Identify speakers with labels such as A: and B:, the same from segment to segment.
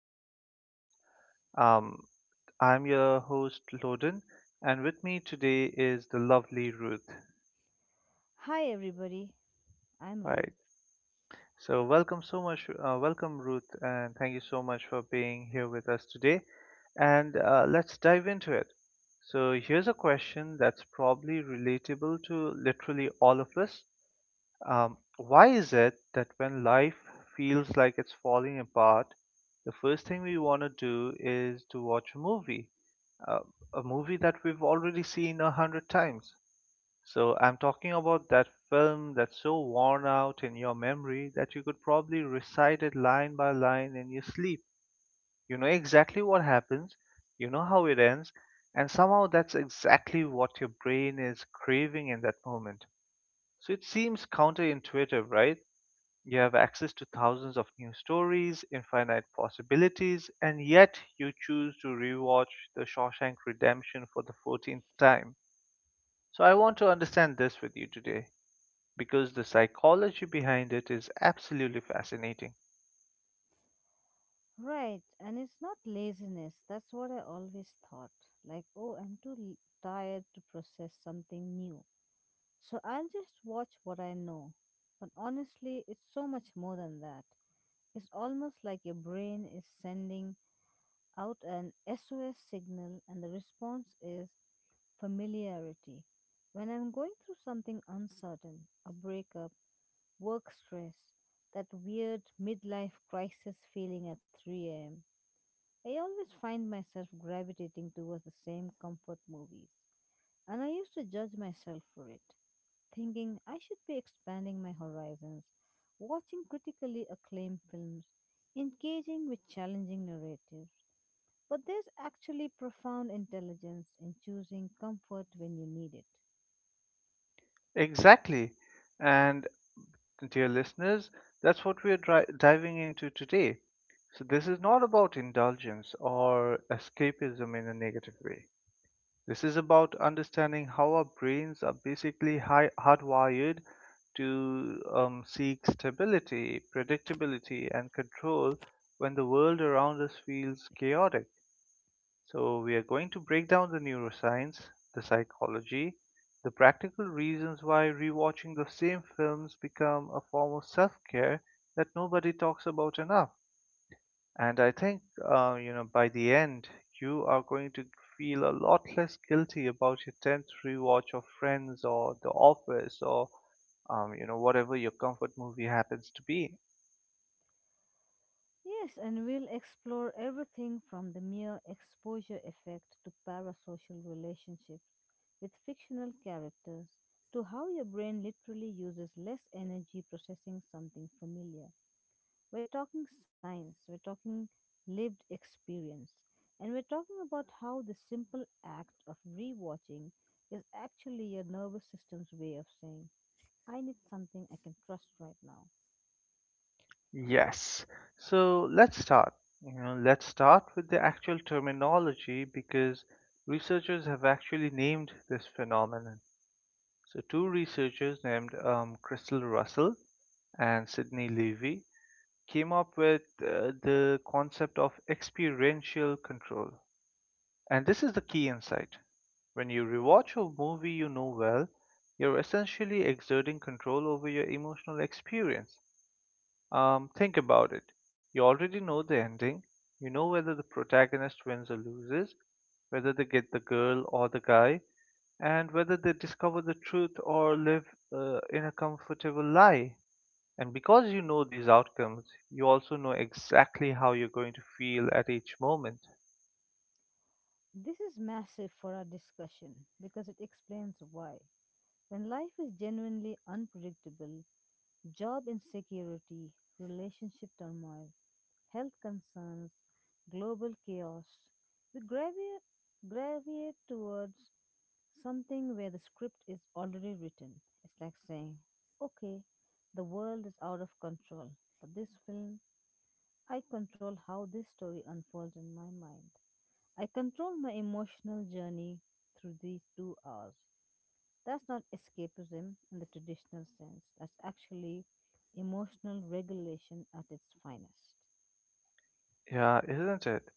A: the podcast. Um, I'm your host, Loden, and with me today is the lovely Ruth.
B: Hi, everybody. I'm
A: Right.
B: Ruth.
A: So, welcome Ruth, and thank you so much for being here with us today. And let's dive into it. So, here's a question that's probably relatable to literally all of us. Why is it that when life feels like it's falling apart, the first thing we want to do is to watch a movie? Uh, a movie that we've already seen a hundred times. So I'm talking about that film that's so worn out in your memory that you could probably recite it line by line in your sleep. You know exactly what happens, you know how it ends, and somehow that's exactly what your brain is craving in that moment. So it seems counterintuitive, right? You have access to thousands of new stories, infinite possibilities, and yet you choose to rewatch The Shawshank Redemption for the 14th time. So, I want to understand this with you today because the psychology behind it is absolutely fascinating.
B: Right, and it's not laziness. That's what I always thought. Like, oh, I'm too tired to process something new. So I'll just watch what I know. But honestly, it's so much more than that. It's almost like your brain is sending out an SOS signal, and the response is familiarity. When I'm going through something uncertain, a breakup, work stress, that weird midlife crisis feeling at 3 a.m. I always find myself gravitating towards the same comfort movies, and I used to judge myself for it, thinking I should be expanding my horizons, watching critically acclaimed films, engaging with challenging narratives. But there's actually profound intelligence in choosing comfort when you need it.
A: Exactly. And, dear listeners, that's what we are diving into today. So, this is not about indulgence or escapism in a negative way. This is about understanding how our brains are basically hardwired to seek stability, predictability, and control when the world around us feels chaotic. So, we are going to break down the neuroscience, the psychology, the practical reasons why rewatching the same films become a form of self care that nobody talks about enough, and I think, by the end, you are going to feel a lot less guilty about your 10th rewatch of Friends or The Office or whatever your comfort movie happens to be.
B: Yes, and we'll explore everything from the mere exposure effect to parasocial relationships with fictional characters to how your brain literally uses less energy processing something familiar. We're talking science, we're talking lived experience, and we're talking about how the simple act of rewatching is actually your nervous system's way of saying, I need something I can trust right now.
A: Yes. So let's start. You know, let's start with the actual terminology because researchers have actually named this phenomenon. So two researchers named Crystal Russell and Sidney Levy came up with the concept of experiential control. And this is the key insight. When you rewatch a movie you know well, you're essentially exerting control over your emotional experience. Think about it. You already know the ending, you know whether the protagonist wins or loses, whether they get the girl or the guy, and whether they discover the truth or live in a comfortable lie. And because you know these outcomes, you also know exactly how you're going to feel at each moment.
B: This is massive for our discussion because it explains why. When life is genuinely unpredictable, job insecurity, relationship turmoil, health concerns, global chaos, we gravitate towards something where the script is already written. It's like saying, okay, the world is out of control, but this film, I control how this story unfolds in my mind. I control my emotional journey through these 2 hours. That's not escapism in the traditional sense, that's actually emotional regulation at its finest.
A: Yeah, isn't it?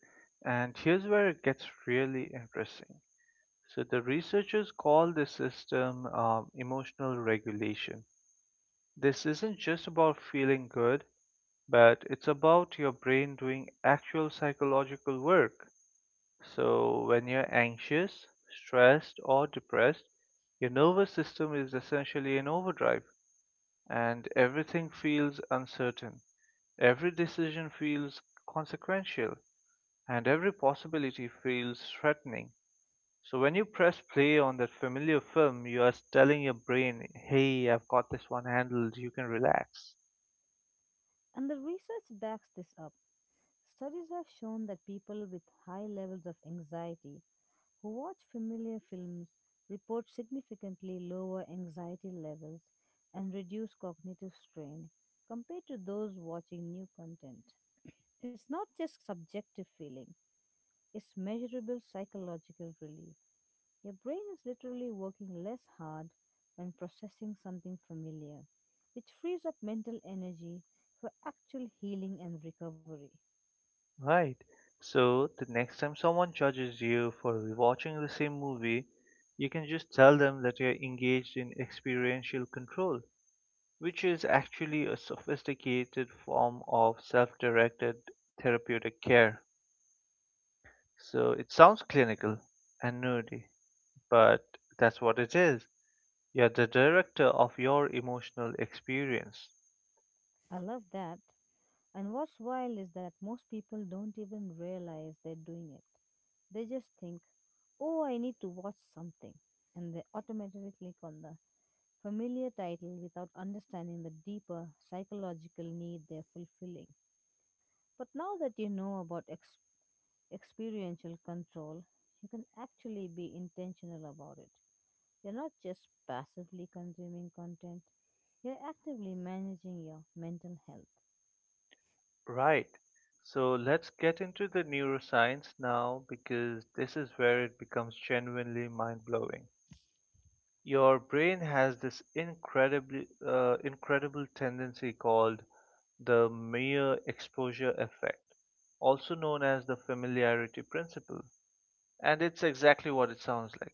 A: And here's where it gets really interesting. So, the researchers call this system emotional regulation. This isn't just about feeling good, but it's about your brain doing actual psychological work. So, when you're anxious, stressed, or depressed, your nervous system is essentially in overdrive, and everything feels uncertain. Every decision feels consequential, and every possibility feels threatening. So, when you press play on that familiar film, you are telling your brain, hey, I've got this one handled, you can relax.
B: And the research backs this up. Studies have shown that people with high levels of anxiety who watch familiar films report significantly lower anxiety levels and reduce cognitive strain compared to those watching new content. It's not just subjective feeling, is measurable psychological relief. Your brain is literally working less hard when processing something familiar, which frees up mental energy for actual healing and recovery.
A: Right. So the next time someone judges you for rewatching the same movie, you can just tell them that you're engaged in experiential control, which is actually a sophisticated form of self directed therapeutic care. So it sounds clinical and nerdy, but that's what it is. You're the director of your emotional experience.
B: I love that. And what's wild is that most people don't even realize they're doing it. They just think, oh, I need to watch something. And they automatically click on the familiar title without understanding the deeper psychological need they're fulfilling. But now that you know about ex. Experiential control, you can actually be intentional about it. You're not just passively consuming content, you're actively managing your mental health.
A: Right. So let's get into the neuroscience now because this is where it becomes genuinely mind blowing. Your brain has this incredibly incredible tendency called the mere exposure effect, also known as the familiarity principle. And it's exactly what it sounds like.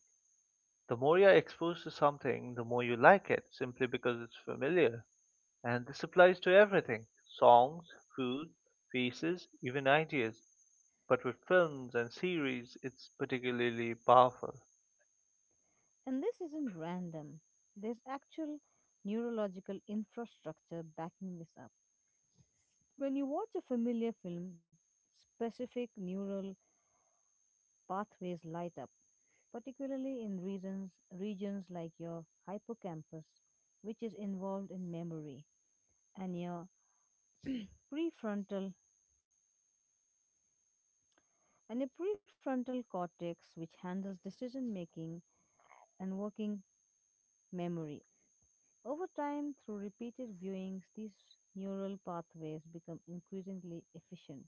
A: The more you're exposed to something, the more you like it, simply because it's familiar. And this applies to everything: songs, food, faces, even ideas. But with films and series, it's particularly powerful.
B: And this isn't random, there's actual neurological infrastructure backing this up. When you watch a familiar film, specific neural pathways light up, particularly in regions like your hippocampus, which is involved in memory, and your prefrontal and a prefrontal cortex which handles decision making and working memory. Over time, through repeated viewings, these neural pathways become increasingly efficient.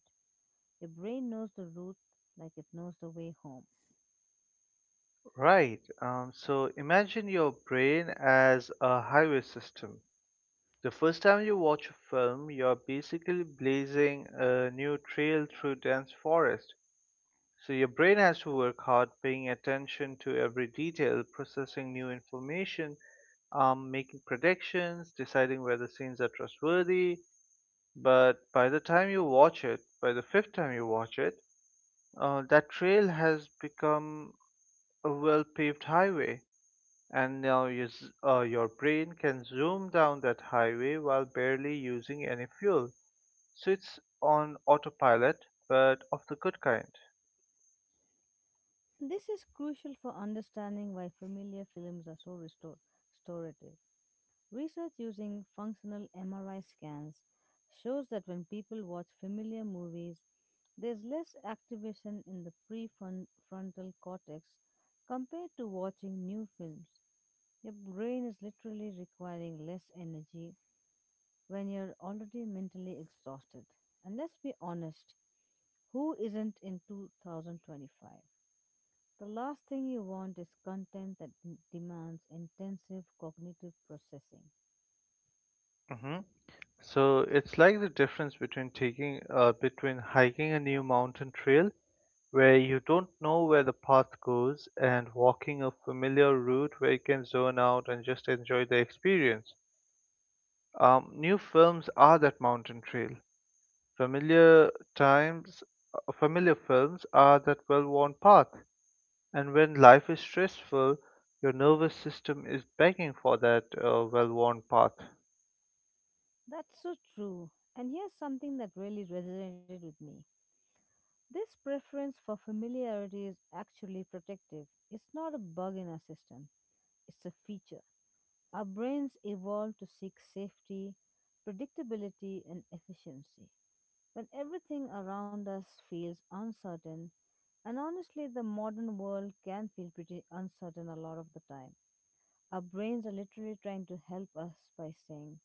B: Your brain knows the route like it knows the way home.
A: Right. So imagine your brain as a highway system. The first time you watch a film, you're basically blazing a new trail through dense forest. So your brain has to work hard, paying attention to every detail, processing new information, making predictions, deciding whether scenes are trustworthy. But by the fifth time you watch it, that trail has become a well paved highway, and now your brain can zoom down that highway while barely using any fuel. So it's on autopilot, but of the good kind.
B: This is crucial for understanding why familiar films are so restorative. Research using functional MRI scans shows that when people watch familiar movies, there's less activation in the prefrontal cortex compared to watching new films. Your brain is literally requiring less energy when you're already mentally exhausted. And let's be honest, who isn't in 2025? The last thing you want is content that demands intensive cognitive processing.
A: Hmm. So it's like the difference between taking between hiking a new mountain trail where you don't know where the path goes, and walking a familiar route where you can zone out and just enjoy the experience. New films are that mountain trail. Familiar times, Familiar films are that well worn path. And when life is stressful, your nervous system is begging for that well worn path.
B: That's so true. And here's something that really resonated with me. This preference for familiarity is actually protective. It's not a bug in our system, it's a feature. Our brains evolved to seek safety, predictability, and efficiency. When everything around us feels uncertain, and honestly, the modern world can feel pretty uncertain a lot of the time. Our brains are literally trying to help us by saying,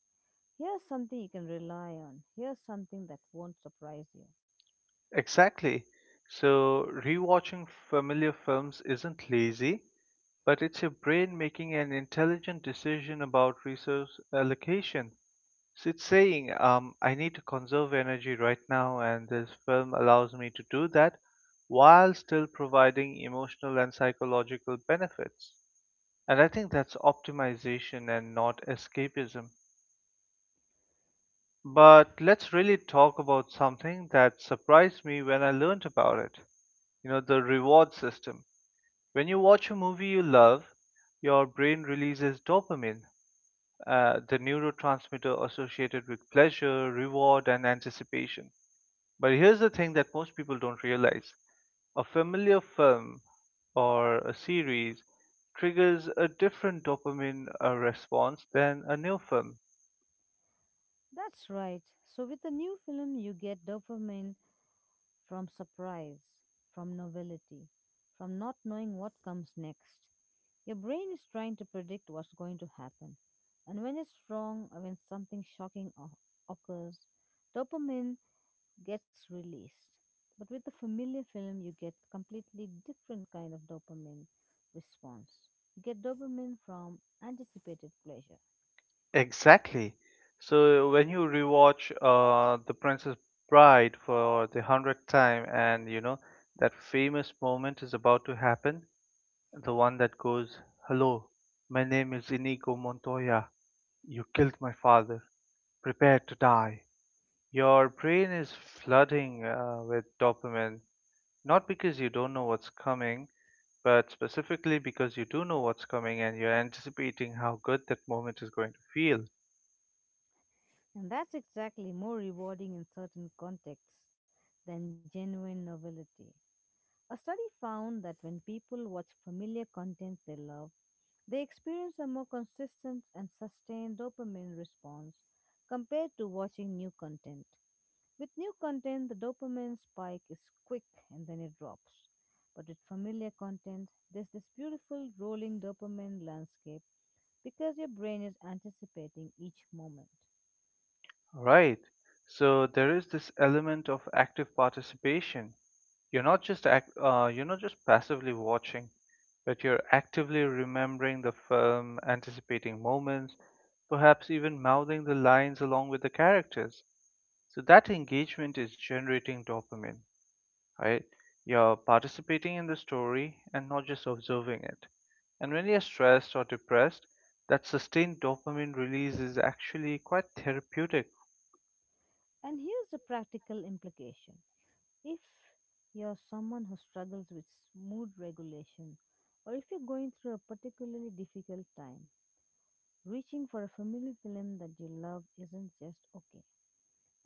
B: here's something you can rely on. Here's something that won't surprise you.
A: Exactly. So, rewatching familiar films isn't lazy, but it's your brain making an intelligent decision about resource allocation. So it's saying, I need to conserve energy right now, and this film allows me to do that while still providing emotional and psychological benefits. And I think that's optimization and not escapism. But let's really talk about something that surprised me when I learned about it. You know, the reward system. When you watch a movie you love, your brain releases dopamine, the neurotransmitter associated with pleasure, reward, and anticipation. But here's the thing that most people don't realize: a familiar film or a series triggers a different dopamine response than a new film.
B: That's right. So, with a new film, you get dopamine from surprise, from novelty, from not knowing what comes next. Your brain is trying to predict what's going to happen. And when it's wrong, or when something shocking occurs, dopamine gets released. But with a familiar film, you get completely different kind of dopamine response. You get dopamine from anticipated pleasure.
A: Exactly. So when you rewatch The Princess Bride for the 100th time, and you know that famous moment is about to happen, the one that goes, "Hello, my name is Inigo Montoya. You killed my father. Prepare to die." Your brain is flooding with dopamine, not because you don't know what's coming, but specifically because you do know what's coming and you're anticipating how good that moment is going to feel.
B: And that's exactly more rewarding in certain contexts than genuine novelty. A study found that when people watch familiar content they love, they experience a more consistent and sustained dopamine response compared to watching new content. With new content, the dopamine spike is quick and then it drops. But with familiar content, there's this beautiful rolling dopamine landscape because your brain is anticipating each moment.
A: Right. So there is this element of active participation. You're not just passively watching, but you're actively remembering the film, anticipating moments, perhaps even mouthing the lines along with the characters. So that engagement is generating dopamine, right? You're participating in the story and not just observing it. And when you're stressed or depressed, that sustained dopamine release is actually quite therapeutic.
B: And here's the practical implication. If you're someone who struggles with mood regulation, or if you're going through a particularly difficult time, reaching for a familiar film that you love isn't just okay.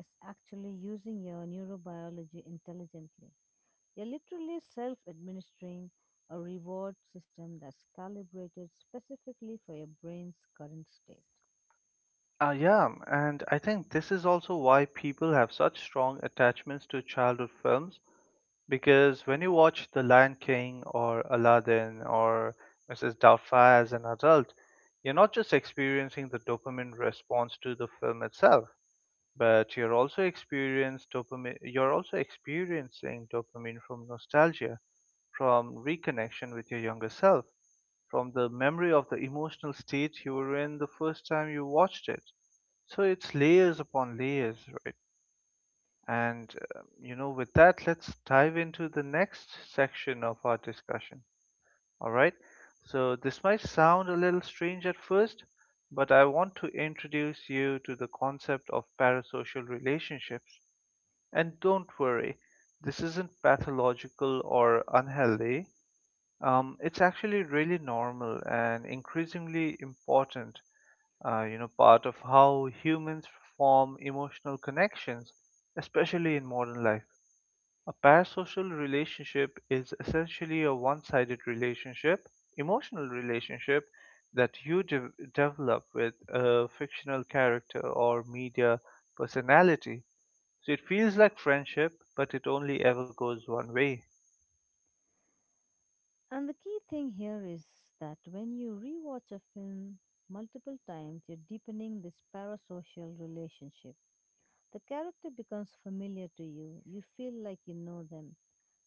B: It's actually using your neurobiology intelligently. You're literally self administering a reward system that's calibrated specifically for your brain's current state.
A: Ah, yeah, and I think this is also why people have such strong attachments to childhood films, because when you watch The Lion King or Aladdin or Mrs. Doubtfire as an adult, you're not just experiencing the dopamine response to the film itself, but you're also experiencing dopamine from nostalgia, from reconnection with your younger self, from the memory of the emotional state you were in the first time you watched it. So it's layers upon layers, right? And with that, let's dive into the next section of our discussion. All right, so this might sound a little strange at first, but I want to introduce you to the concept of parasocial relationships. And don't worry, this isn't pathological or unhealthy. It's actually really normal and increasingly important, part of how humans form emotional connections, especially in modern life. A parasocial relationship is essentially a emotional relationship that you develop with a fictional character or media personality, so it feels like friendship, but it only ever goes one way.
B: And the key thing here is that when you rewatch a film multiple times, you're deepening this parasocial relationship. The character becomes familiar to you, you feel like you know them.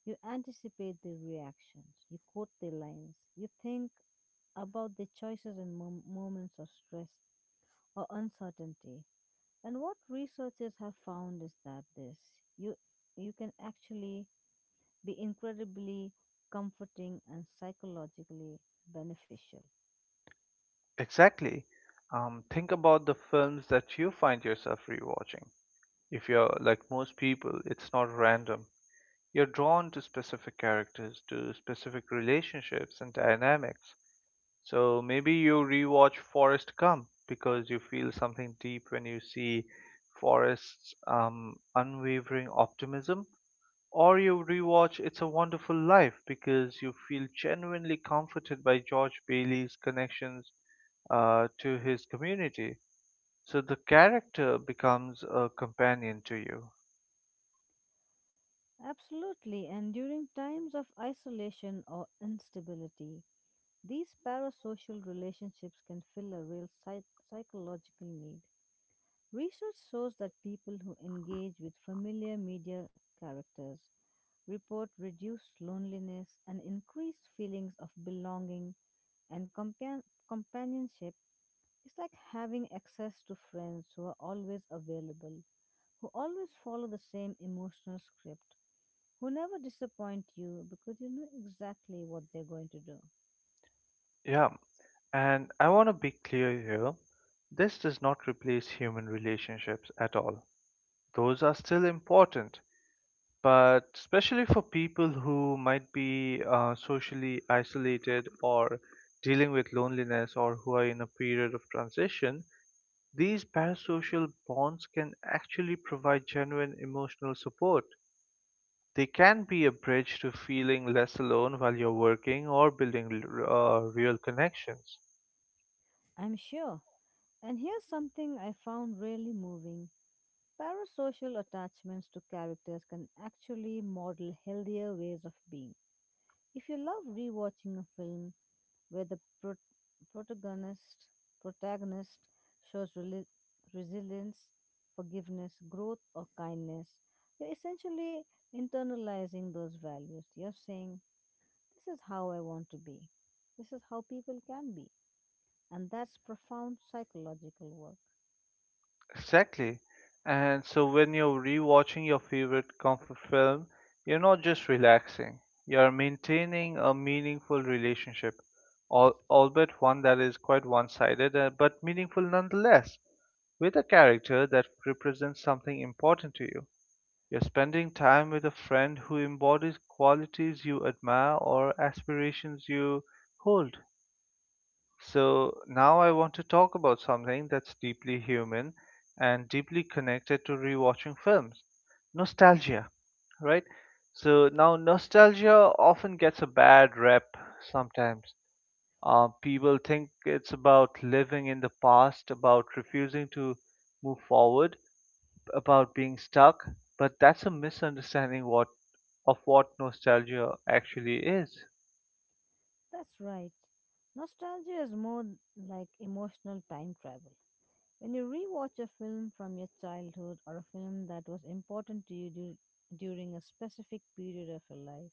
B: You anticipate their reactions, you quote their lines, you think about their choices in moments of stress or uncertainty. And what researchers have found is that this you you can actually be incredibly comforting and psychologically beneficial.
A: Exactly. Think about the films that you find yourself rewatching. If you're like most people, it's not random. You're drawn to specific characters, to specific relationships and dynamics. So maybe you rewatch Forrest Gump because you feel something deep when you see Forrest's unwavering optimism, or you rewatch It's a Wonderful Life because you feel genuinely comforted by George Bailey's connections to his community. So the character becomes a companion to you.
B: Absolutely, and during times of isolation or instability, these parasocial relationships can fill a real psychological need. Research shows that people who engage with familiar media characters report reduced loneliness and increased feelings of belonging. And companionship is like having access to friends who are always available, who always follow the same emotional script, who never disappoint you because you know exactly what they're going to do.
A: Yeah, and I want to be clear here, this does not replace human relationships at all. Those are still important, but especially for people who might be socially isolated or dealing with loneliness or who are in a period of transition, these parasocial bonds can actually provide genuine emotional support. They can be a bridge to feeling less alone while you're working or building real connections.
B: I'm sure. And here's something I found really moving. Parasocial attachments to characters can actually model healthier ways of being. If you love rewatching a film where the protagonist protagonist shows resilience, forgiveness, growth, or kindness. You're essentially internalizing those values. You're saying, "This is how I want to be. This is how people can be," and that's profound psychological work.
A: Exactly. And so when you're rewatching your favorite comfort film, you're not just relaxing, you're maintaining a meaningful relationship, albeit one that is quite one sided, but meaningful nonetheless, with a character that represents something important to you. You're spending time with a friend who embodies qualities you admire or aspirations you hold. So, now I want to talk about something that's deeply human and deeply connected to rewatching films: nostalgia, right? So, now nostalgia often gets a bad rep sometimes. People think it's about living in the past, about refusing to move forward, about being stuck, but that's a misunderstanding what of what nostalgia actually is.
B: That's right. Nostalgia is more like emotional time travel. When you rewatch a film from your childhood or a film that was important to you during a specific period of your life,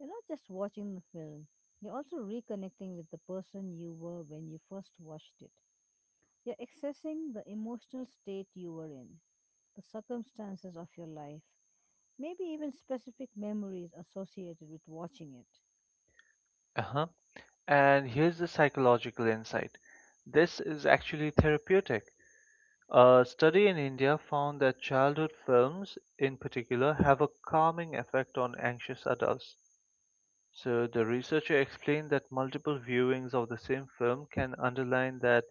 B: you're not just watching the film, you're also reconnecting with the person you were when you first watched it. You're accessing the emotional state you were in, the circumstances of your life, maybe even specific memories associated with watching it.
A: Uh-huh. And here's the psychological insight. This is actually therapeutic. A study in India found that childhood films, in particular, have a calming effect on anxious adults. So the researcher explained that multiple viewings of the same film can underline that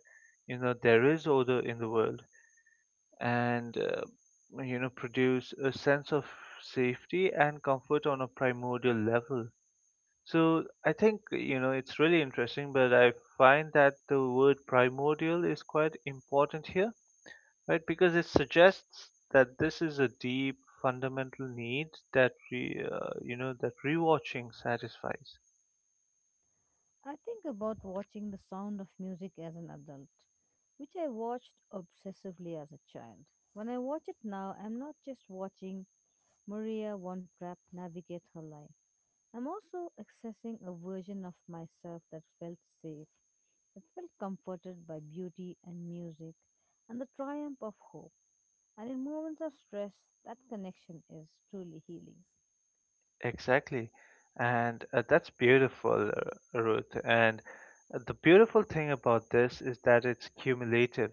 A: you know there is order in the world and you know produce a sense of safety and comfort on a primordial level. So I think you know it's really interesting, but I find that the word primordial is quite important here, right? Because it suggests that this is a deep fundamental need that you know that rewatching satisfies.
B: I think about watching The Sound of Music as an adult, which I watched obsessively as a child. When I watch it now, I'm not just watching Maria Von Trapp navigate her life. I'm also accessing a version of myself that felt safe, that felt comforted by beauty and music and the triumph of hope. And in moments of stress, that connection is truly healing.
A: Exactly. And that's beautiful, Ruth. And the beautiful thing about this is that it's cumulative,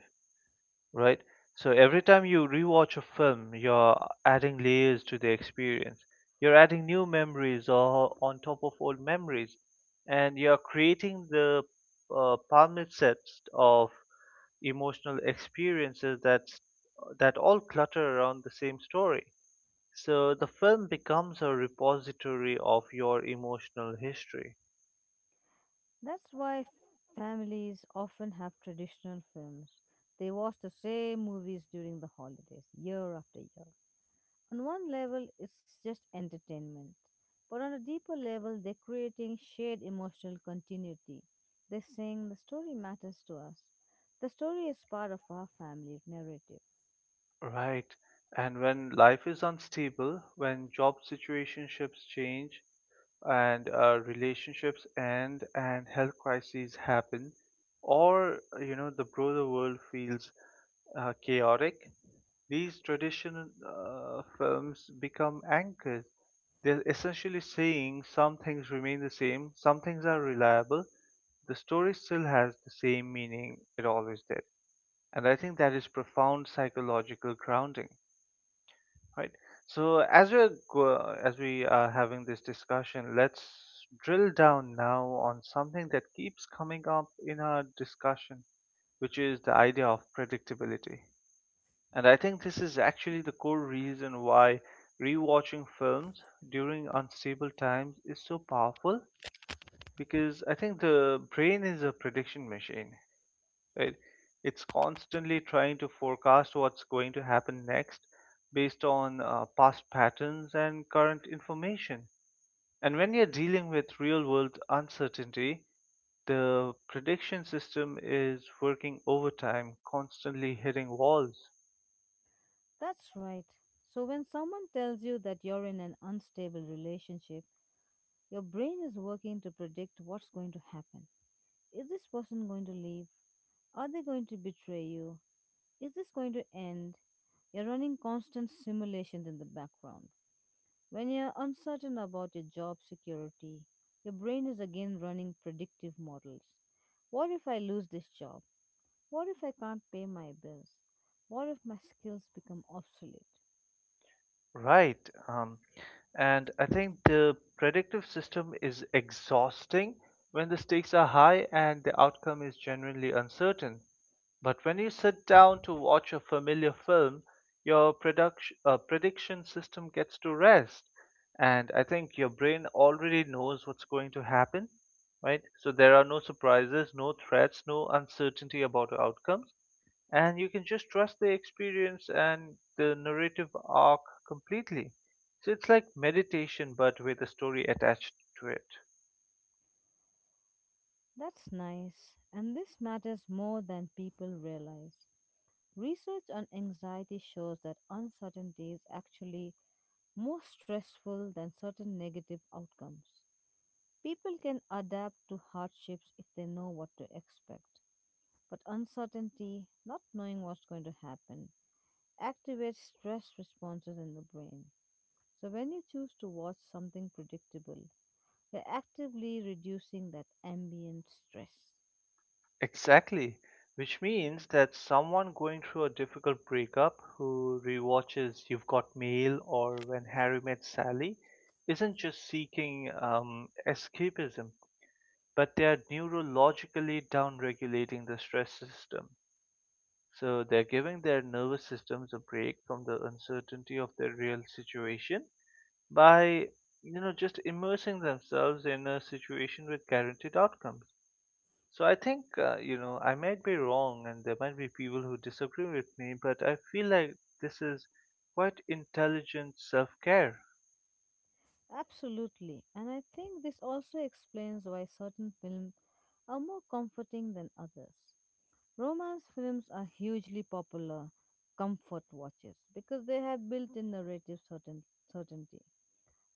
A: right? So every time you rewatch a film, you're adding layers to the experience. You're adding new memories or on top of old memories, and you're creating the palmit sets of emotional experiences that all clutter around the same story. So the film becomes a repository of your emotional history,
B: That's why families often have traditional films. They watch the same movies during the holidays, year after year. On one level, it's just entertainment. But on a deeper level, they're creating shared emotional continuity. They're saying the story matters to us. The story is part of our family narrative.
A: right? And when life is unstable, when job situationships change, and relationships end and health crises happen, or you know the broader world feels chaotic, these traditional films become anchors. They're essentially saying some things remain the same, some things are reliable, the story still has the same meaning it always did. And I think that is profound psychological grounding. Right. So as we are having this discussion, let's drill down now on something that keeps coming up in our discussion, which is the idea of predictability. And I think this is actually the core reason why rewatching films during unstable times is so powerful, because I think the brain is a prediction machine. Right? It's constantly trying to forecast what's going to happen next based on past patterns and current information. And when you're dealing with real world uncertainty, the prediction system is working overtime, constantly hitting walls.
B: That's right. So when someone tells you that you're in an unstable relationship, your brain is working to predict what's going to happen. Is this person going to leave? Are they going to betray you? Is this going to end? You're running constant simulations in the background. When you're uncertain about your job security, your brain is again running predictive models. What if I lose this job? What if I can't pay my bills? What if my skills become obsolete?
A: Right. And I think the predictive system is exhausting when the stakes are high and the outcome is genuinely uncertain. But when you sit down to watch a familiar film, your prediction system gets to rest. And I think your brain already knows what's going to happen, right? So there are no surprises, no threats, no uncertainty about outcomes, and you can just trust the experience and the narrative arc completely. So it's like meditation, but with a story attached to it.
B: That's nice, and this matters more than people realize. Research on anxiety shows that uncertainty is actually more stressful than certain negative outcomes. People can adapt to hardships if they know what to expect, but uncertainty, not knowing what's going to happen, activates stress responses in the brain. So, when you choose to watch something predictable, you're actively reducing that ambient stress.
A: Exactly, which means that someone going through a difficult breakup who rewatches You've Got Mail or When Harry Met Sally isn't just seeking escapism, but they are neurologically downregulating the stress system. So they're giving their nervous systems a break from the uncertainty of their real situation by, you know, just immersing themselves in a situation with guaranteed outcomes. So I think, you know, I might be wrong and there might be people who disagree with me, but I feel like this is quite intelligent self care,
B: Absolutely, and I think this also explains why certain films are more comforting than others. Romance films are hugely popular comfort watches because they have built in narrative certainty.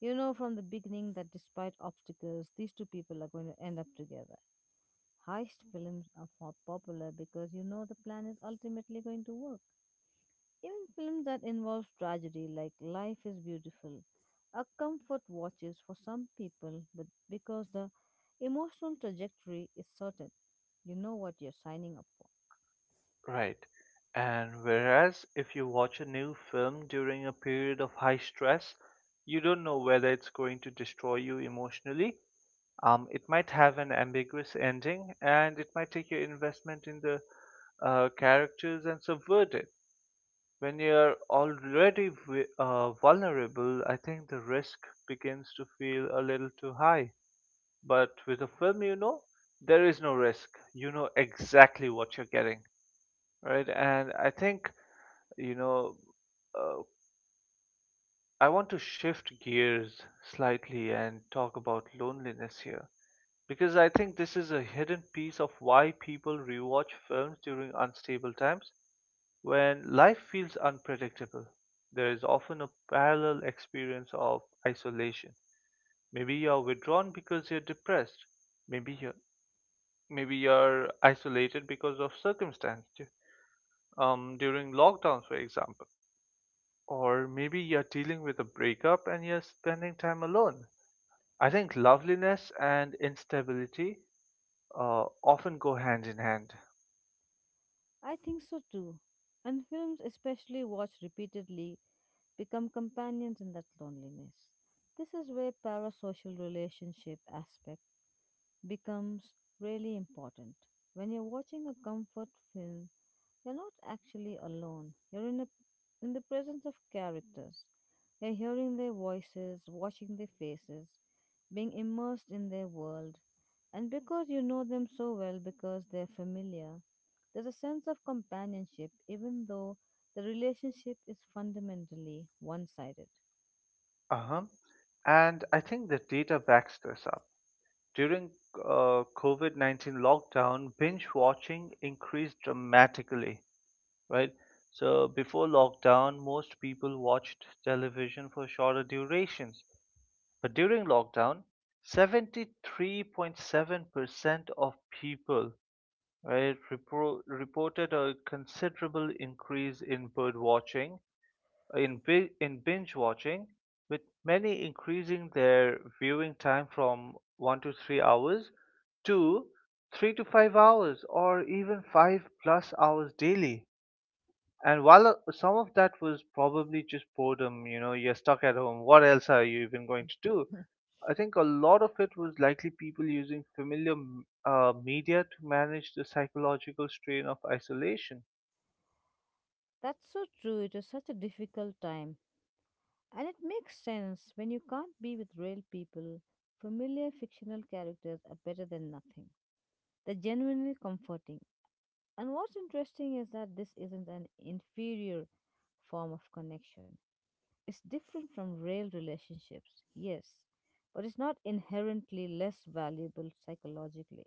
B: You know from the beginning that despite obstacles, these two people are going to end up together. Heist films are popular because you know the plan is ultimately going to work. Even films that involve tragedy, like Life is Beautiful, are comfort watches for some people but because the emotional trajectory is certain. You know what you're signing up for.
A: right? And whereas if you watch a new film during a period of high stress, you don't know whether it's going to destroy you emotionally. It might have an ambiguous ending, and it might take your investment in the characters and subvert it. When you're already vulnerable, I think the risk begins to feel a little too high. But with a film, you know, there is no risk. You know exactly what you're getting, right? And I think, you know, uh, I want to shift gears slightly and talk about loneliness here, because I think this is a hidden piece of why people rewatch films during unstable times. When life feels unpredictable, there is often a parallel experience of isolation. Maybe you're withdrawn because you're depressed. Maybe you're Maybe you're isolated because of circumstance during lockdowns, for example. Or maybe you're dealing with a breakup and you're spending time alone. I think loveliness and instability often go hand in hand.
B: I think so too. And films, especially watched repeatedly, become companions in that loneliness. This is where parasocial relationship aspect becomes really important. When you're watching a comfort film, you're not actually alone. You're in the presence of characters. You're hearing their voices, watching their faces, being immersed in their world. And because you know them so well, because they're familiar, there's a sense of companionship, even though the relationship is fundamentally one sided.
A: Uh-huh. And I think the data backs this up. During COVID 19 lockdown, binge watching increased dramatically, right? So, before lockdown, most people watched television for shorter durations. But during lockdown, 73.7% of people, right, reported a considerable increase in bird watching, in binge watching, with many increasing their viewing time from 1 to 3 hours to 3 to 5 hours or even 5 plus hours daily. And while some of that was probably just boredom, you know, you're stuck at home, what else are you even going to do? I think a lot of it was likely people using familiar media to manage the psychological strain of isolation.
B: That's so true. It is such a difficult time. And it makes sense when you can't be with real people, familiar fictional characters are better than nothing. They're genuinely comforting. And what's interesting is that this isn't an inferior form of connection. It's different from real relationships, yes, but it's not inherently less valuable psychologically.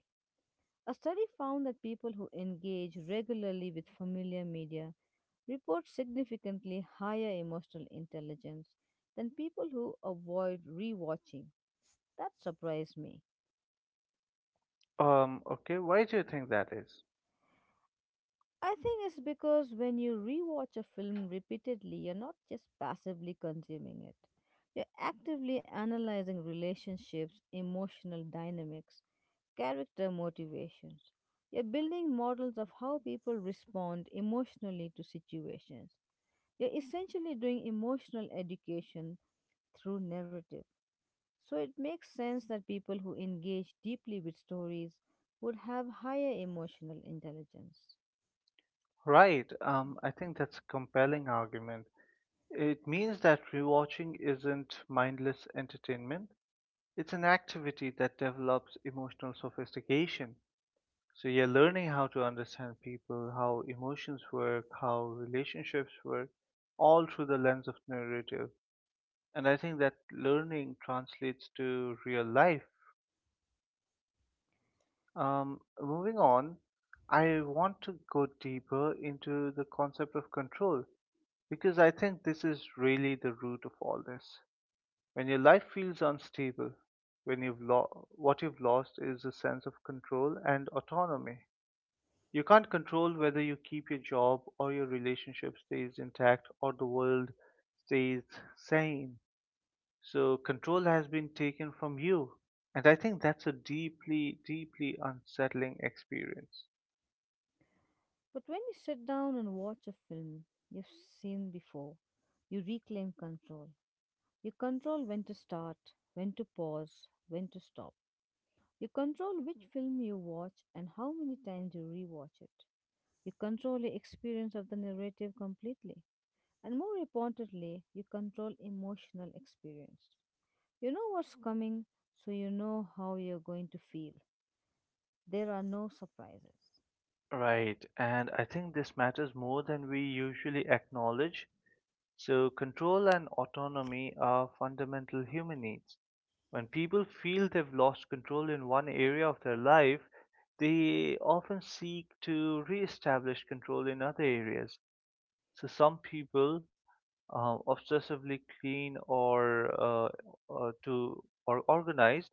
B: A study found that people who engage regularly with familiar media report significantly higher emotional intelligence than people who avoid rewatching. That surprised me.
A: Okay, why do you think that is?
B: I think it's because when you rewatch a film repeatedly, you're not just passively consuming it. You're actively analyzing relationships, emotional dynamics, character motivations. You're building models of how people respond emotionally to situations. You're essentially doing emotional education through narrative. So it makes sense that people who engage deeply with stories would have higher emotional intelligence.
A: Right. I think that's a compelling argument. It means that rewatching isn't mindless entertainment. It's an activity that develops emotional sophistication. So you're learning how to understand people, how emotions work, how relationships work, all through the lens of narrative. And I think that learning translates to real life. Moving on, I want to go deeper into the concept of control, because I think this is really the root of all this. When your life feels unstable, what you've lost is a sense of control and autonomy. You can't control whether you keep your job or your relationship stays intact or the world stays sane. So control has been taken from you. And I think that's a deeply, deeply unsettling experience.
B: But when you sit down and watch a film you've seen before, you reclaim control. You control when to start, when to pause, when to stop. You control which film you watch and how many times you rewatch it. You control the experience of the narrative completely. And more importantly, you control emotional experience. You know what's coming, so you know how you're going to feel. There are no surprises.
A: Right, and I think this matters more than we usually acknowledge. So, control and autonomy are fundamental human needs. When people feel they've lost control in one area of their life, they often seek to re establish control in other areas. So, some people obsessively clean or to or organized.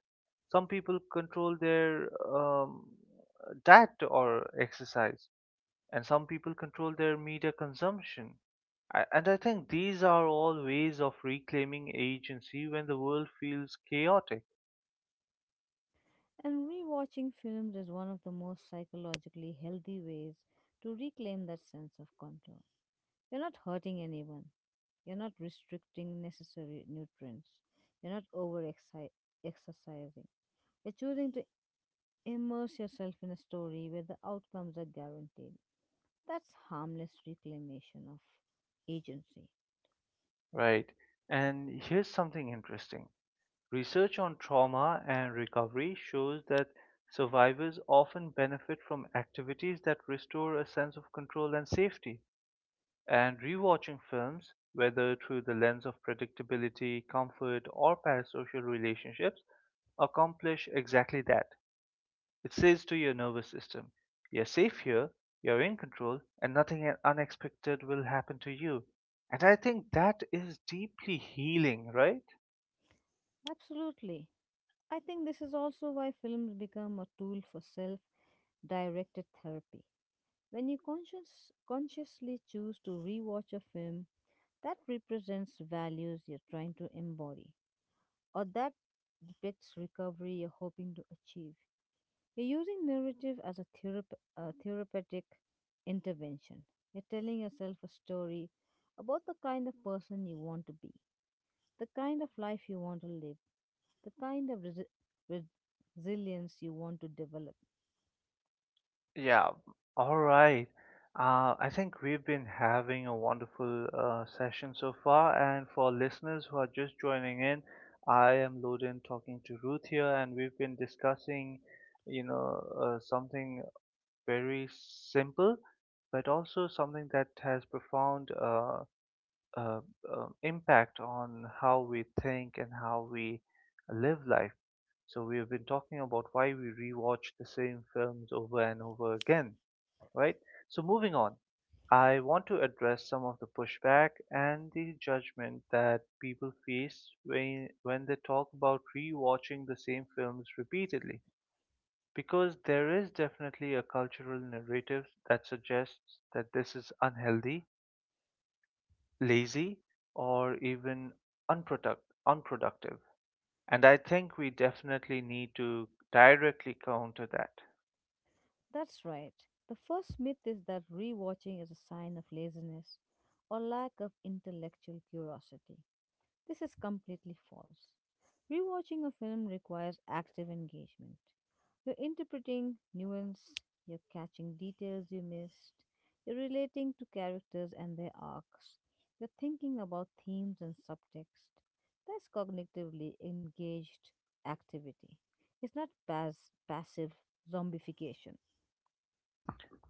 A: Some people control their um, diet or exercise, and some people control their media consumption. And I think these are all ways of reclaiming agency when the world feels chaotic,
B: And rewatching films is one of the most psychologically healthy ways to reclaim that sense of control. You're not hurting anyone. You're not restricting necessary nutrients. You're not over exercising. You're choosing to immerse yourself in a story where the outcomes are guaranteed. That's harmless reclamation of agency.
A: right? And here's something interesting: research on trauma and recovery shows that survivors often benefit from activities that restore a sense of control and safety. And rewatching films, whether through the lens of predictability, comfort, or parasocial relationships, accomplish exactly that. It says to your nervous system, you're safe here, you're in control, and nothing unexpected will happen to you. And I think that is deeply healing, right?
B: Absolutely. I think this is also why films become a tool for self directed therapy. When you consciously choose to rewatch a film that represents values you're trying to embody or that depicts recovery you're hoping to achieve, you're using narrative as a therapeutic intervention. You're telling yourself a story about the kind of person you want to be, the kind of life you want to live, the kind of res- resilience you want to develop.
A: Yeah, all right. I think we've been having a wonderful session so far. And for listeners who are just joining in, I am Loden talking to Ruth here, and we've been discussing, you know, something very simple, but also something that has profound uh, impact on how we think and how we live life. So we have been talking about why we rewatch the same films over and over again, right? So moving on, I want to address some of the pushback and the judgment that people face when they talk about rewatching the same films repeatedly. Because there is definitely a cultural narrative that suggests that this is unhealthy, lazy, or even unproduct unproductive. And I think we definitely need to directly counter that.
B: That's right. The first myth is that rewatching is a sign of laziness or lack of intellectual curiosity. This is completely false. Rewatching a film requires active engagement. You're interpreting nuance, you're catching details you missed, you're relating to characters and their arcs, you're thinking about themes and subtext. That's cognitively engaged activity. It's not passive zombification.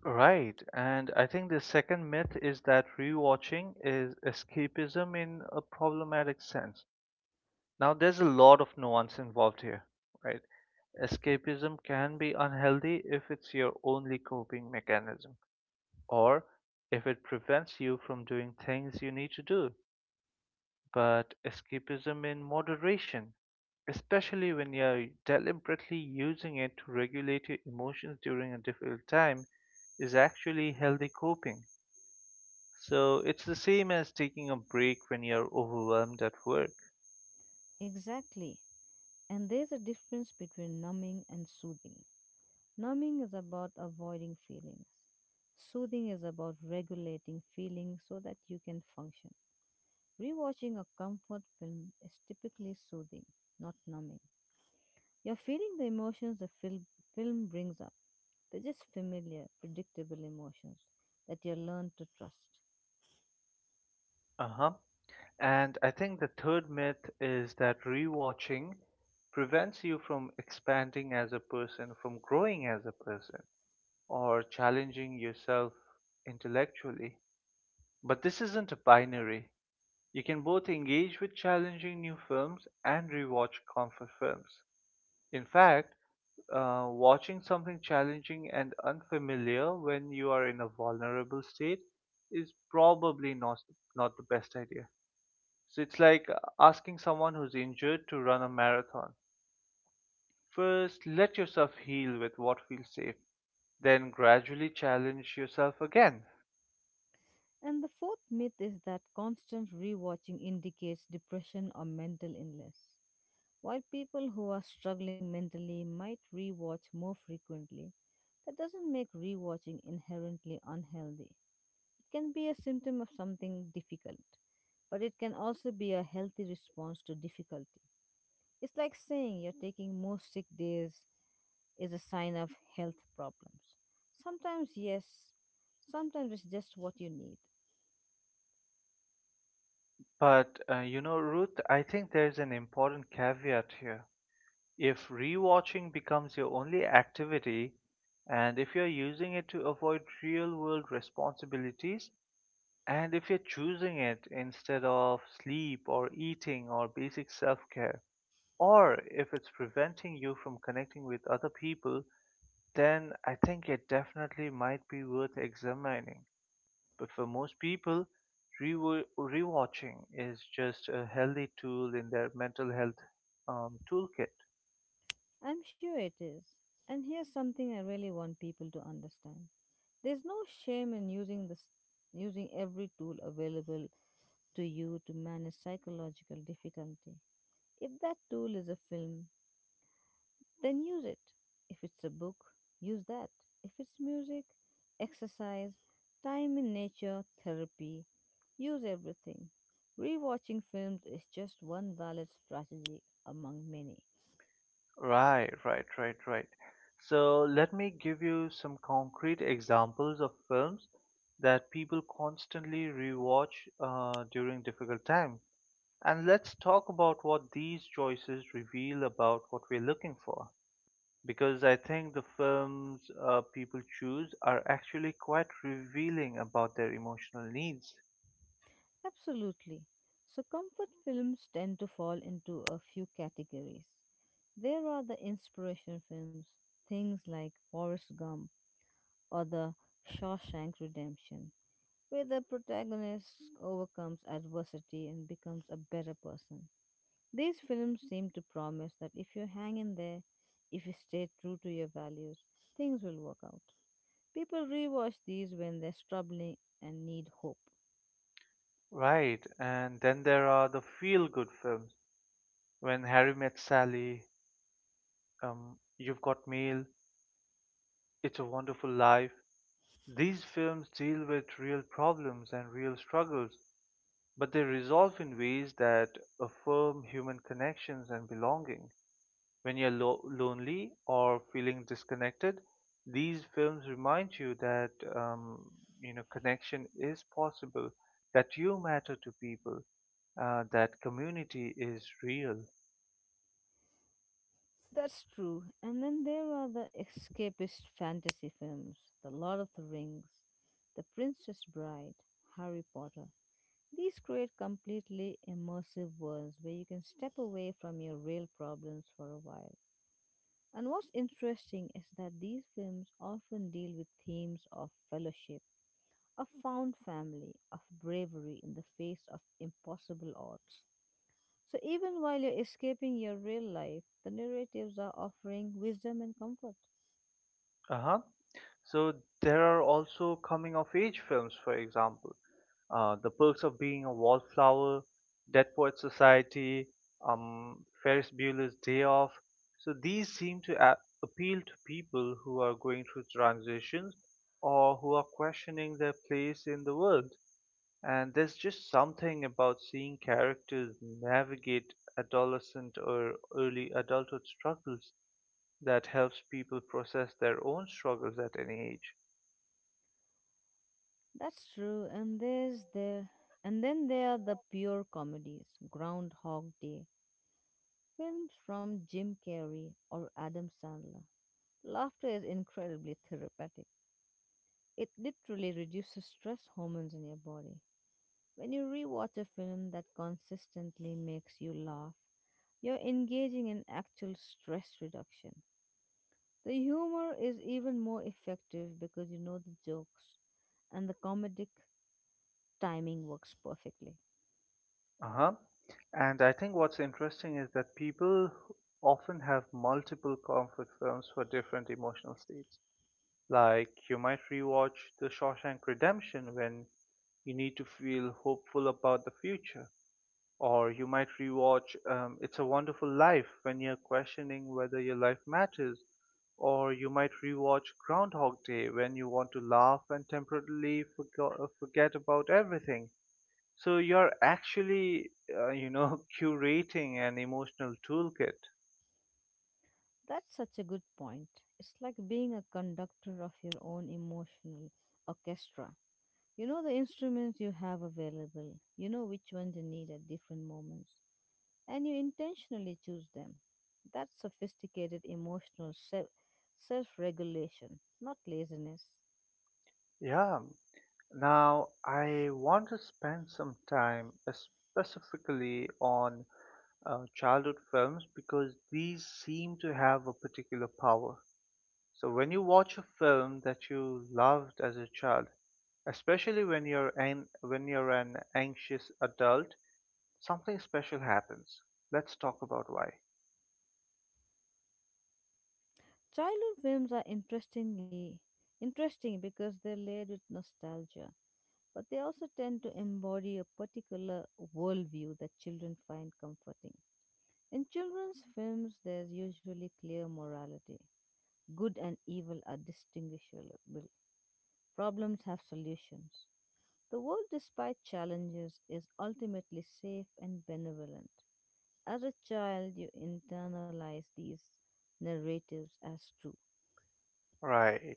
A: Right. And I think the second myth is that rewatching is escapism in a problematic sense. Now, there's a lot of nuance involved here, right? Escapism can be unhealthy if it's your only coping mechanism or if it prevents you from doing things you need to do. But escapism in moderation, especially when you're deliberately using it to regulate your emotions during a difficult time, is actually healthy coping. So it's the same as taking a break when you're overwhelmed at work.
B: Exactly. And there's a difference between numbing and soothing. Numbing is about avoiding feelings. Soothing is about regulating feelings so that you can function. Rewatching a comfort film is typically soothing, not numbing. You're feeling the emotions the film brings up. They're just familiar, predictable emotions that you learn to trust.
A: Uh huh. And I think the third myth is that rewatching prevents you from expanding as a person, from growing as a person, or challenging yourself intellectually. But this isn't a binary. You can both engage with challenging new films and rewatch comfort films. In fact, watching something challenging and unfamiliar when you are in a vulnerable state is probably not the best idea. So it's like asking someone who's injured to run a marathon. First, let yourself heal with what feels safe, then gradually challenge yourself again.
B: And the fourth myth is that constant rewatching indicates depression or mental illness. While people who are struggling mentally might rewatch more frequently, that doesn't make rewatching inherently unhealthy. It can be a symptom of something difficult, but it can also be a healthy response to difficulty. It's like saying you're taking more sick days is a sign of health problems. Sometimes, yes, sometimes it's just what you need.
A: But you know, Ruth, I think there's an important caveat here. If rewatching becomes your only activity, and if you're using it to avoid real world responsibilities, and if you're choosing it instead of sleep or eating or basic self care, or if it's preventing you from connecting with other people, then I think it definitely might be worth examining. But for most people, rewatching is just a healthy tool in their mental health toolkit.
B: I'm sure it is. And here's something I really want people to understand. There's no shame in using every tool available to you to manage psychological difficulty. If that tool is a film, then use it. If it's a book, use that. If it's music, exercise, time in nature, therapy, use everything. Rewatching films is just one valid strategy among many.
A: Right, right, right, right. So let me give you some concrete examples of films that people constantly rewatch during difficult time. And let's talk about what these choices reveal about what we're looking for. Because I think the films people choose are actually quite revealing about their emotional needs.
B: Absolutely. So, comfort films tend to fall into a few categories. There are the inspiration films, things like Forrest Gump or The Shawshank Redemption, where the protagonist overcomes adversity and becomes a better person. These films seem to promise that if you hang in there, if you stay true to your values, things will work out. People rewatch these when they're struggling and need hope.
A: Right, and then there are the feel-good films. When Harry Met Sally, You've Got Mail, It's a Wonderful Life, these films deal with real problems and real struggles, but they resolve in ways that affirm human connections and belonging. When you're lonely or feeling disconnected, these films remind you that connection is possible, that you matter to people, that community is real.
B: That's true. And then there are the escapist fantasy films: The Lord of the Rings, The Princess Bride, Harry Potter. These create completely immersive worlds where you can step away from your real problems for a while. And what's interesting is that these films often deal with themes of fellowship, of found family, of bravery in the face of impossible odds. So even while you're escaping your real life, the narratives are offering wisdom and comfort.
A: Uh huh. So there are also coming of age films, for example. The Perks of Being a Wallflower, Dead Poets Society, Ferris Bueller's Day Off. So these seem to appeal to people who are going through transitions or who are questioning their place in the world. And there's just something about seeing characters navigate adolescent or early adulthood struggles that helps people process their own struggles at any age.
B: That's true, and there's the and then there are the pure comedies, Groundhog Day, films from Jim Carrey or Adam Sandler. Laughter is incredibly therapeutic. It literally reduces stress hormones in your body. When you rewatch a film that consistently makes you laugh, you're engaging in actual stress reduction. The humor is even more effective because you know the jokes and the comedic timing works perfectly.
A: Uh-huh. And I think what's interesting is that people often have multiple comfort films for different emotional states. Like you might rewatch The Shawshank Redemption when you need to feel hopeful about the future, or you might rewatch It's a Wonderful Life when you're questioning whether your life matters, or you might rewatch Groundhog Day when you want to laugh and temporarily forget about everything. So you're actually, curating an emotional toolkit.
B: That's such a good point. It's like being a conductor of your own emotional orchestra. You know the instruments you have available, you know which ones you need at different moments, and you intentionally choose them. That's sophisticated emotional self regulation, not laziness.
A: Yeah. Now, I want to spend some time specifically on childhood films because these seem to have a particular power. So when you watch a film that you loved as a child, especially when you're an anxious adult, something special happens. Let's talk about why.
B: Childhood films are interesting because they're layered with nostalgia, but they also tend to embody a particular worldview that children find comforting. In children's films, there's usually clear morality. Good and evil are distinguishable. Problems have solutions. The world, despite challenges, is ultimately safe and benevolent. As a child, you internalize these narratives as true.
A: Right.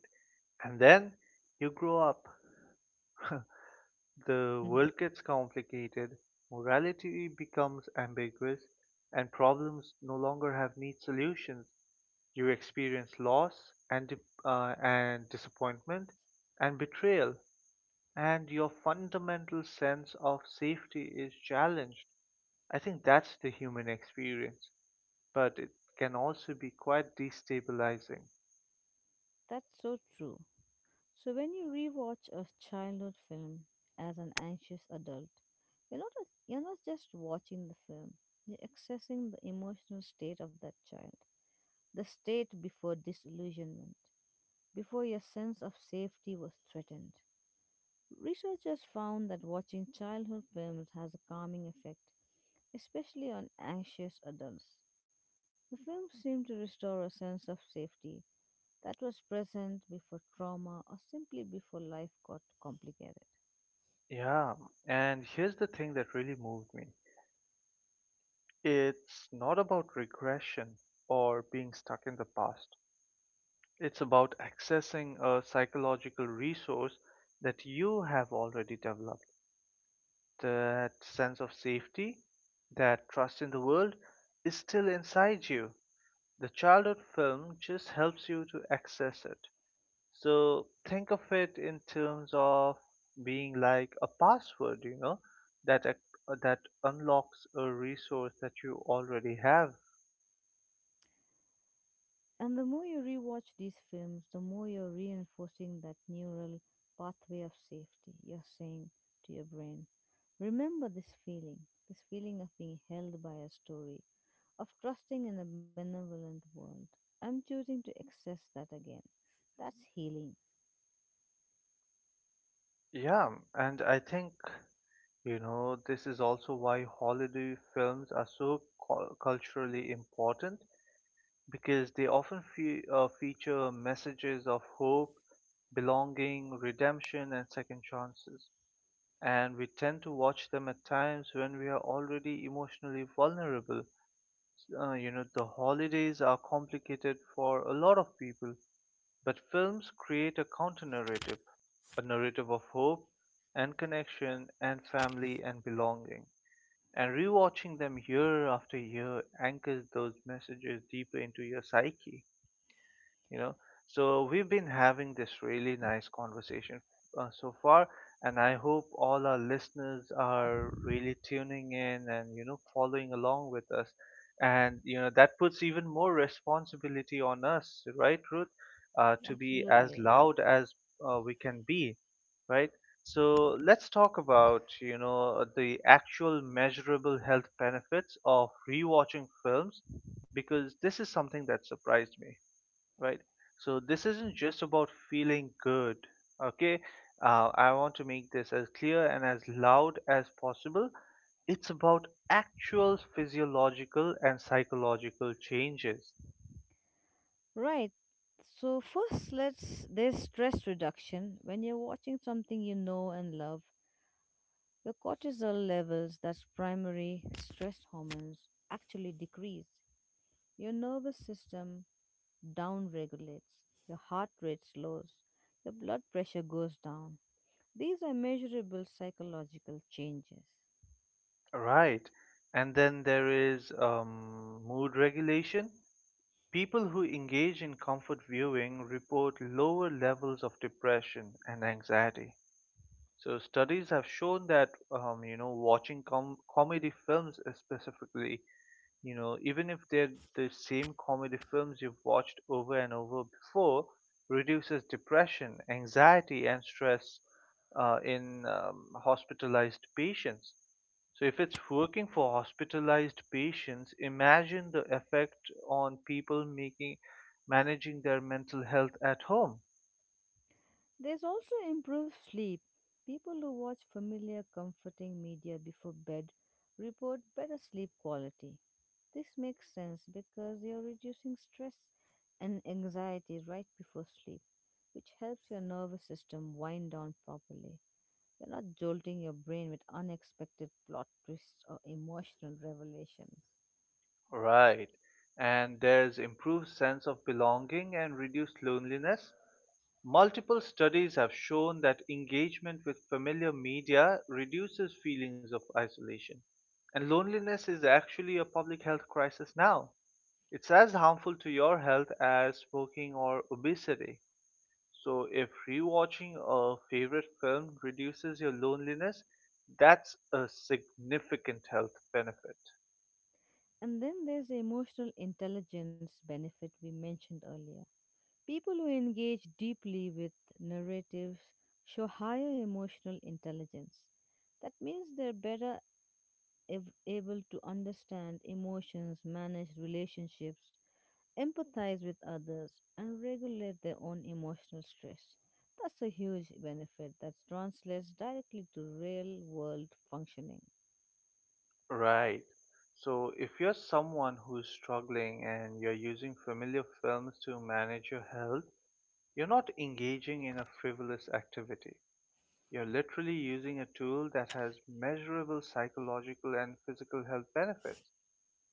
A: And then you grow up. The world gets complicated, morality becomes ambiguous, and problems no longer have neat solutions. You experience loss and, di- and disappointment and betrayal, and your fundamental sense of safety is challenged. I think that's the human experience, but it can also be quite destabilizing.
B: That's so true. So when you rewatch a childhood film as an anxious adult, you're not just watching the film. You're accessing the emotional state of that child, the state before disillusionment, before your sense of safety was threatened. Researchers found that watching childhood films has a calming effect, especially on anxious adults. The films seem to restore a sense of safety that was present before trauma or simply before life got complicated.
A: Yeah, and here's the thing that really moved me. It's not about regression or being stuck in the past. It's about accessing a psychological resource that you have already developed. That sense of safety, that trust in the world is still inside you. The childhood film just helps you to access it. So think of it in terms of being like a password, you know, that ac- that unlocks a resource that you already have.
B: And the more you rewatch these films, the more you're reinforcing that neural pathway of safety. You're saying to your brain, remember this feeling of being held by a story, of trusting in a benevolent world. I'm choosing to access that again. That's healing.
A: Yeah, and I think, you know, this is also why holiday films are so culturally important because they often fe feature messages of hope, belonging, redemption, and second chances. And we tend to watch them at times when we are already emotionally vulnerable. You know, the holidays are complicated for a lot of people, but films create a counter-narrative, a narrative of hope and connection and family and belonging. And rewatching them year after year anchors those messages deeper into your psyche, you know. So we've been having this really nice conversation so far, and I hope all our listeners are really tuning in and, you know, following along with us, and you know that puts even more responsibility on us, right, Ruth, to be as
B: Absolutely.
A: loud as we can be, right? So let's talk about, you know, the actual measurable health benefits of rewatching films, because this is something that surprised me, right? So this isn't just about feeling good, okay? I want to make this as clear and as loud as possible. It's about actual physiological and psychological changes,
B: Right. So first, let's there's stress reduction. When you're watching something you know and love, your cortisol levels, that's primary stress hormones, actually decrease. Your nervous system downregulates. Your heart rate slows. Your blood pressure goes down. These are measurable psychological changes.
A: right? And then there is mood regulation. People who engage in comfort viewing report lower levels of depression and anxiety. So studies have shown that watching comedy films specifically, you know, even if they're the same comedy films you've watched over and over before, reduces depression, anxiety, and stress in hospitalized patients. So, if it's working for hospitalized patients, imagine the effect on people making managing their mental health at home.
B: There's also improved sleep. People who watch familiar, comforting media before bed report better sleep quality. This makes sense because you're reducing stress and anxiety right before sleep, which helps your nervous system wind down properly. You're not jolting your brain with unexpected plot twists or emotional revelations.
A: Right. And there's improved sense of belonging and reduced loneliness. Multiple studies have shown that engagement with familiar media reduces feelings of isolation. And loneliness is actually a public health crisis now. It's as harmful to your health as smoking or obesity. So, if rewatching a favorite film reduces your loneliness, that's a significant health benefit.
B: And then there's the emotional intelligence benefit we mentioned earlier. People who engage deeply with narratives show higher emotional intelligence. That means they're able to understand emotions, manage relationships, empathize with others, and regulate their own emotional stress. That's a huge benefit that translates directly to real world functioning.
A: Right. So, if you're someone who's struggling and you're using familiar films to manage your health, you're not engaging in a frivolous activity. You're literally using a tool that has measurable psychological and physical health benefits.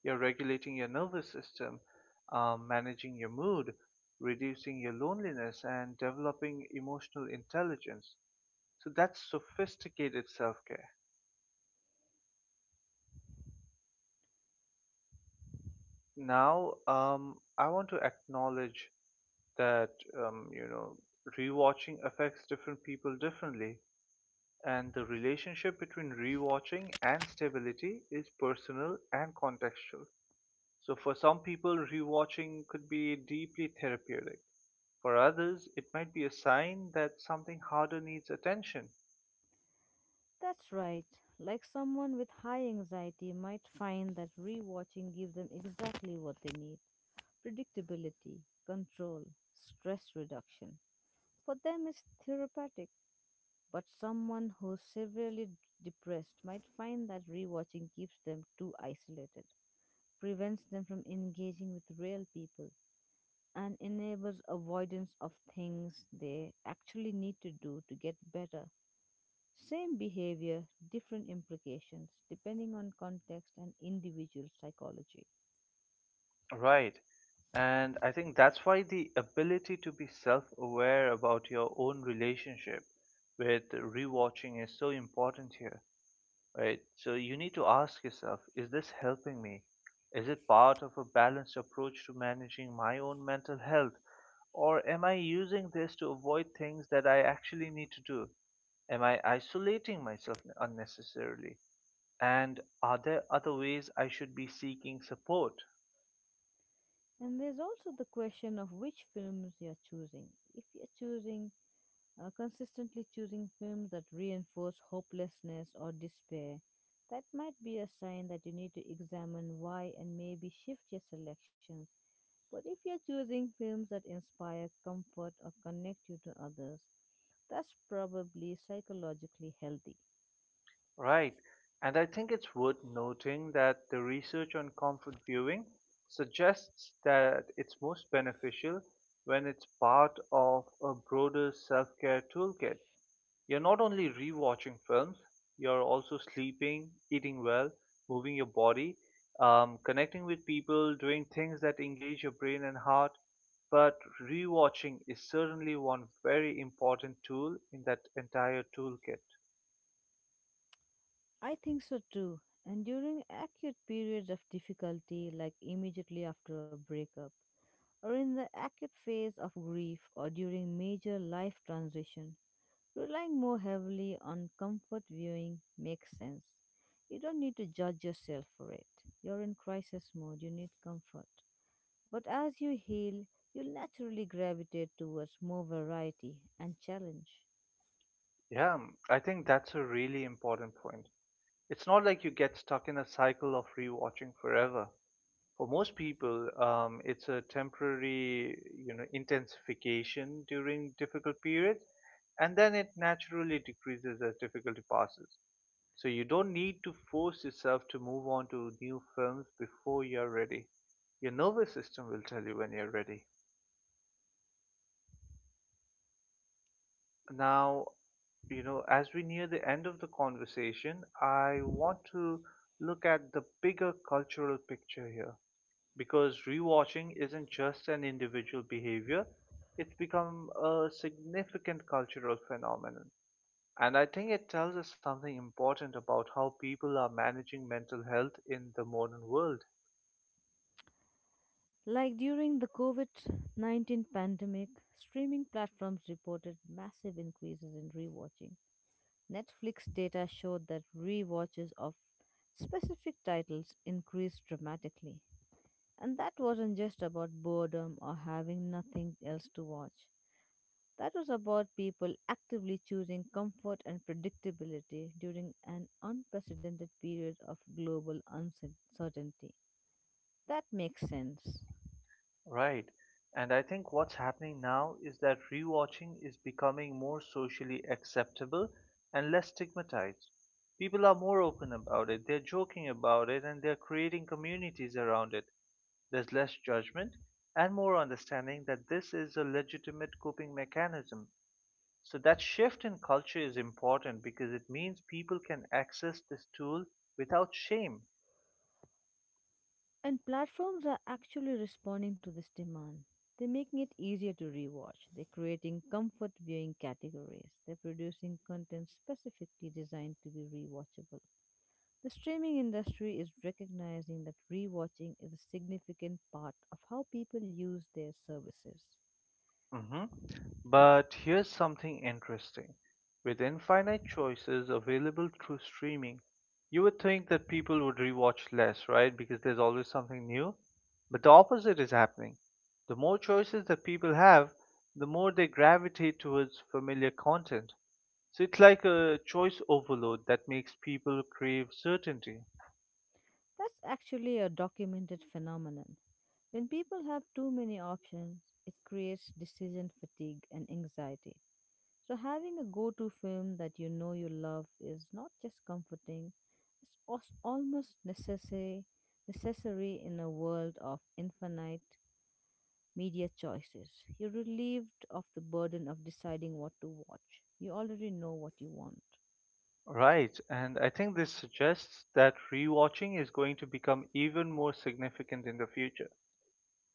A: You're regulating your nervous system, managing your mood, reducing your loneliness, and developing emotional intelligence. So that's sophisticated self care. Now, I want to acknowledge that, um, you know, rewatching affects different people differently. And the relationship between rewatching and stability is personal and contextual. So, for some people, rewatching could be deeply therapeutic. For others, it might be a sign that something harder needs attention.
B: That's right. Like someone with high anxiety might find that rewatching gives them exactly what they need: predictability, control, stress reduction. For them, it's therapeutic. But someone who's severely depressed might find that rewatching keeps them too isolated, prevents them from engaging with real people, and enables avoidance of things they actually need to do to get better. Same behavior, different implications, depending on context and individual psychology.
A: Right. And I think that's why the ability to be self aware about your own relationship with rewatching is so important here, right? So you need to ask yourself, is this helping me? Is it part of a balanced approach to managing my own mental health? Or am I using this to avoid things that I actually need to do? Am I isolating myself unnecessarily? And are there other ways I should be seeking support?
B: And there's also the question of which films you're choosing. If you're choosing consistently choosing films that reinforce hopelessness or despair, that might be a sign that you need to examine why and maybe shift your selections. But if you're choosing films that inspire, comfort, or connect you to others, that's probably psychologically healthy.
A: Right. And I think it's worth noting that the research on comfort viewing suggests that it's most beneficial when it's part of a broader self care toolkit. You're not only rewatching films, you're also sleeping, eating well, moving your body, connecting with people, doing things that engage your brain and heart. But rewatching is certainly one very important tool in that entire toolkit.
B: I think so too. And during acute periods of difficulty, like immediately after a breakup, or in the acute phase of grief, or during major life transition, relying more heavily on comfort viewing makes sense. You don't need to judge yourself for it. You're in crisis mode, you need comfort. But as you heal, you'll naturally gravitate towards more variety and challenge.
A: Yeah, I think that's a really important point. It's not like you get stuck in a cycle of rewatching forever. For most people, it's a temporary, you know, intensification during difficult periods, and then it naturally decreases as difficulty passes. So you don't need to force yourself to move on to new films before you're ready. Your nervous system will tell you when you're ready. Now, you know, as we near the end of the conversation, I want to look at the bigger cultural picture here, because rewatching isn't just an individual behavior, it's become a significant cultural phenomenon. And I think it tells us something important about how people are managing mental health in the modern world.
B: Like during the COVID-19 pandemic, streaming platforms reported massive increases in rewatching. Netflix data showed that rewatches of specific titles increased dramatically. And that wasn't just about boredom or having nothing else to watch. That was about people actively choosing comfort and predictability during an unprecedented period of global uncertainty. That makes sense.
A: Right. And I think what's happening now is that rewatching is becoming more socially acceptable and less stigmatized. People are more open about it, they're joking about it, and they're creating communities around it. There's less judgment and more understanding that this is a legitimate coping mechanism. So, that shift in culture is important because it means people can access this tool without shame.
B: And platforms are actually responding to this demand. They're making it easier to rewatch. They're creating comfort viewing categories. They're producing content specifically designed to be rewatchable. The streaming industry is recognizing that rewatching is a significant part of how people use their services.
A: Hmm. But here's something interesting. With infinite choices available through streaming, you would think that people would rewatch less, right? Because there's always something new. But the opposite is happening. The more choices that people have, the more they gravitate towards familiar content. So it's like a choice overload that makes people crave certainty.
B: That's actually a documented phenomenon. When people have too many options, it creates decision fatigue and anxiety. So, having a go to film that you know you love is not just comforting, it's almost necessary, necessary in a world of infinite media choices. You're relieved of the burden of deciding what to watch. You already know what you want.
A: Right, and I think this suggests that rewatching is going to become even more significant in the future.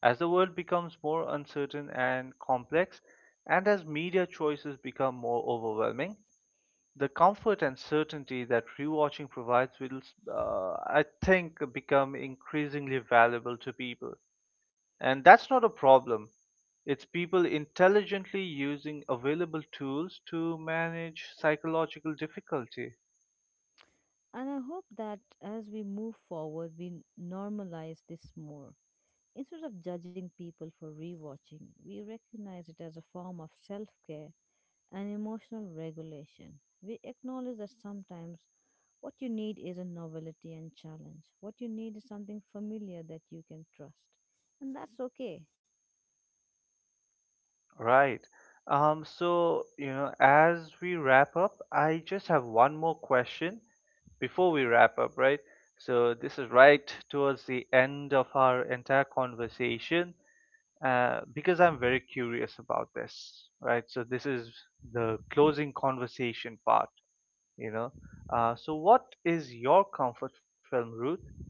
A: As the world becomes more uncertain and complex, and as media choices become more overwhelming, the comfort and certainty that rewatching provides will, I think, become increasingly valuable to people. And that's not a problem. It's people intelligently using available tools to manage psychological difficulty.
B: And I hope that as we move forward, we normalize this more. Instead of judging people for rewatching, we recognize it as a form of self care and emotional regulation. We acknowledge that sometimes what you need isn't novelty and challenge. What you need is something familiar that you can trust. And that's okay.
A: Right. So, you know, as we wrap up, I just have one more question before we wrap up, right? So, this is right towards the end of our entire conversation, because I'm very curious about this, right? So, this is the closing conversation part, you know. So, what is your comfort film, Ruth?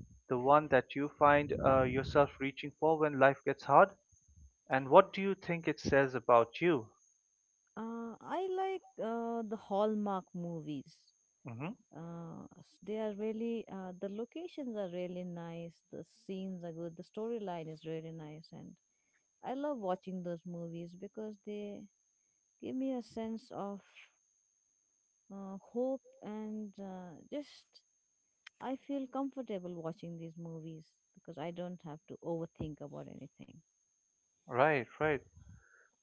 A: The one that you find yourself reaching for when life gets hard? And what do you think it says about you?
B: I like the Hallmark movies.
A: Mm-hmm.
B: They are really, the locations are really nice, the scenes are good, the storyline is really nice, and I love watching those movies because they give me a sense of hope and just I feel comfortable watching these movies because I don't have to overthink about anything.
A: Right, right.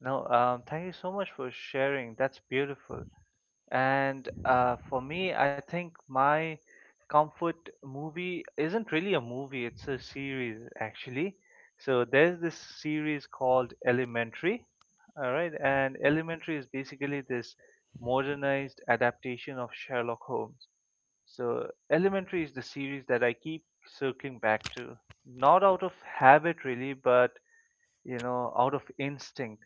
A: No, thank you so much for sharing. That's beautiful. And for me, I think my comfort movie isn't really a movie, it's a series actually. So there's this series called Elementary. All right, and Elementary is basically this modernized adaptation of Sherlock Holmes. So Elementary is the series that I keep circling back to. Not out of habit really, but, you know, out of instinct.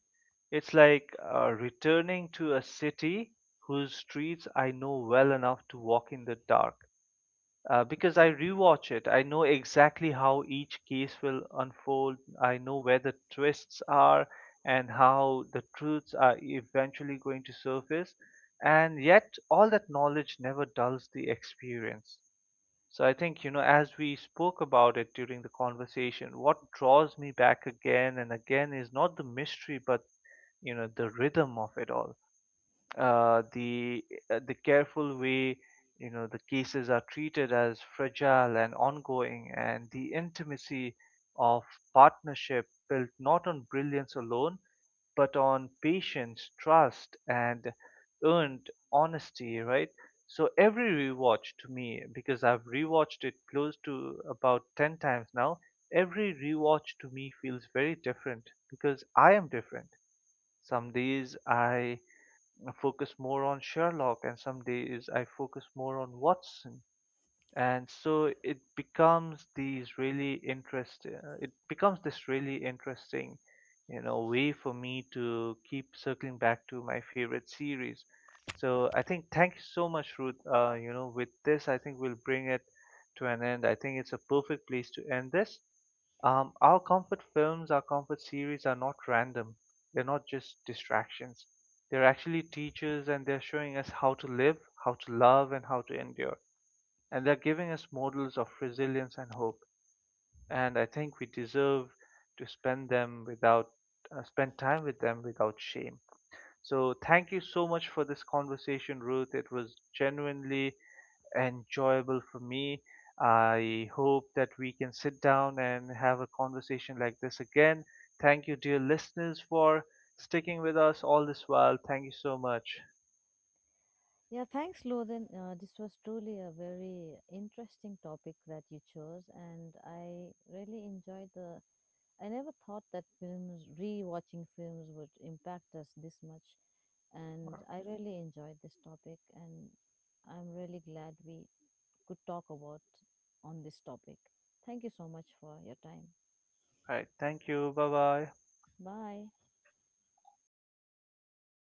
A: It's like returning to a city whose streets I know well enough to walk in the dark. Because I rewatch it, I know exactly how each case will unfold. I know where the twists are and how the truths are eventually going to surface. And yet, all that knowledge never dulls the experience. So I think, you know, as we spoke about it during the conversation, what draws me back again and again is not the mystery, but, you know, the rhythm of it all. Uh, the the careful way, you know, the cases are treated as fragile and ongoing, and the intimacy of partnership built not on brilliance alone, but on patience, trust, and earned honesty, right? So every rewatch to me, because I've rewatched it close to about 10 times now, every rewatch to me feels very different because I am different. Some days I focus more on Sherlock, and some days I focus more on Watson, and so it becomes these really interest it becomes this really interesting, you know, way for me to keep circling back to my favorite series. So I think thank you so much, Ruth. Uh, you know, with this I think we'll bring it to an end. I think it's a perfect place to end this. Um, our comfort films, our comfort series are not random, they're not just distractions, they're actually teachers, and they're showing us how to live, how to love, and how to endure, and they're giving us models of resilience and hope. And I think we deserve to spend time with them without shame. So thank you so much for this conversation, Ruth. It was genuinely enjoyable for me. I hope that we can sit down and have a conversation like this again. Thank you, dear listeners, for sticking with us all this while. Thank you so much.
B: Yeah, thanks, Lothan. This was truly a very interesting topic that you chose, and I really enjoyed the. I never thought that films, rewatching films, would impact us this much, and
A: All
B: I really enjoyed this topic, and I'm really glad we could talk about on this topic. Thank you so much for your time.
A: right. Thank you. Bye bye.
B: Bye.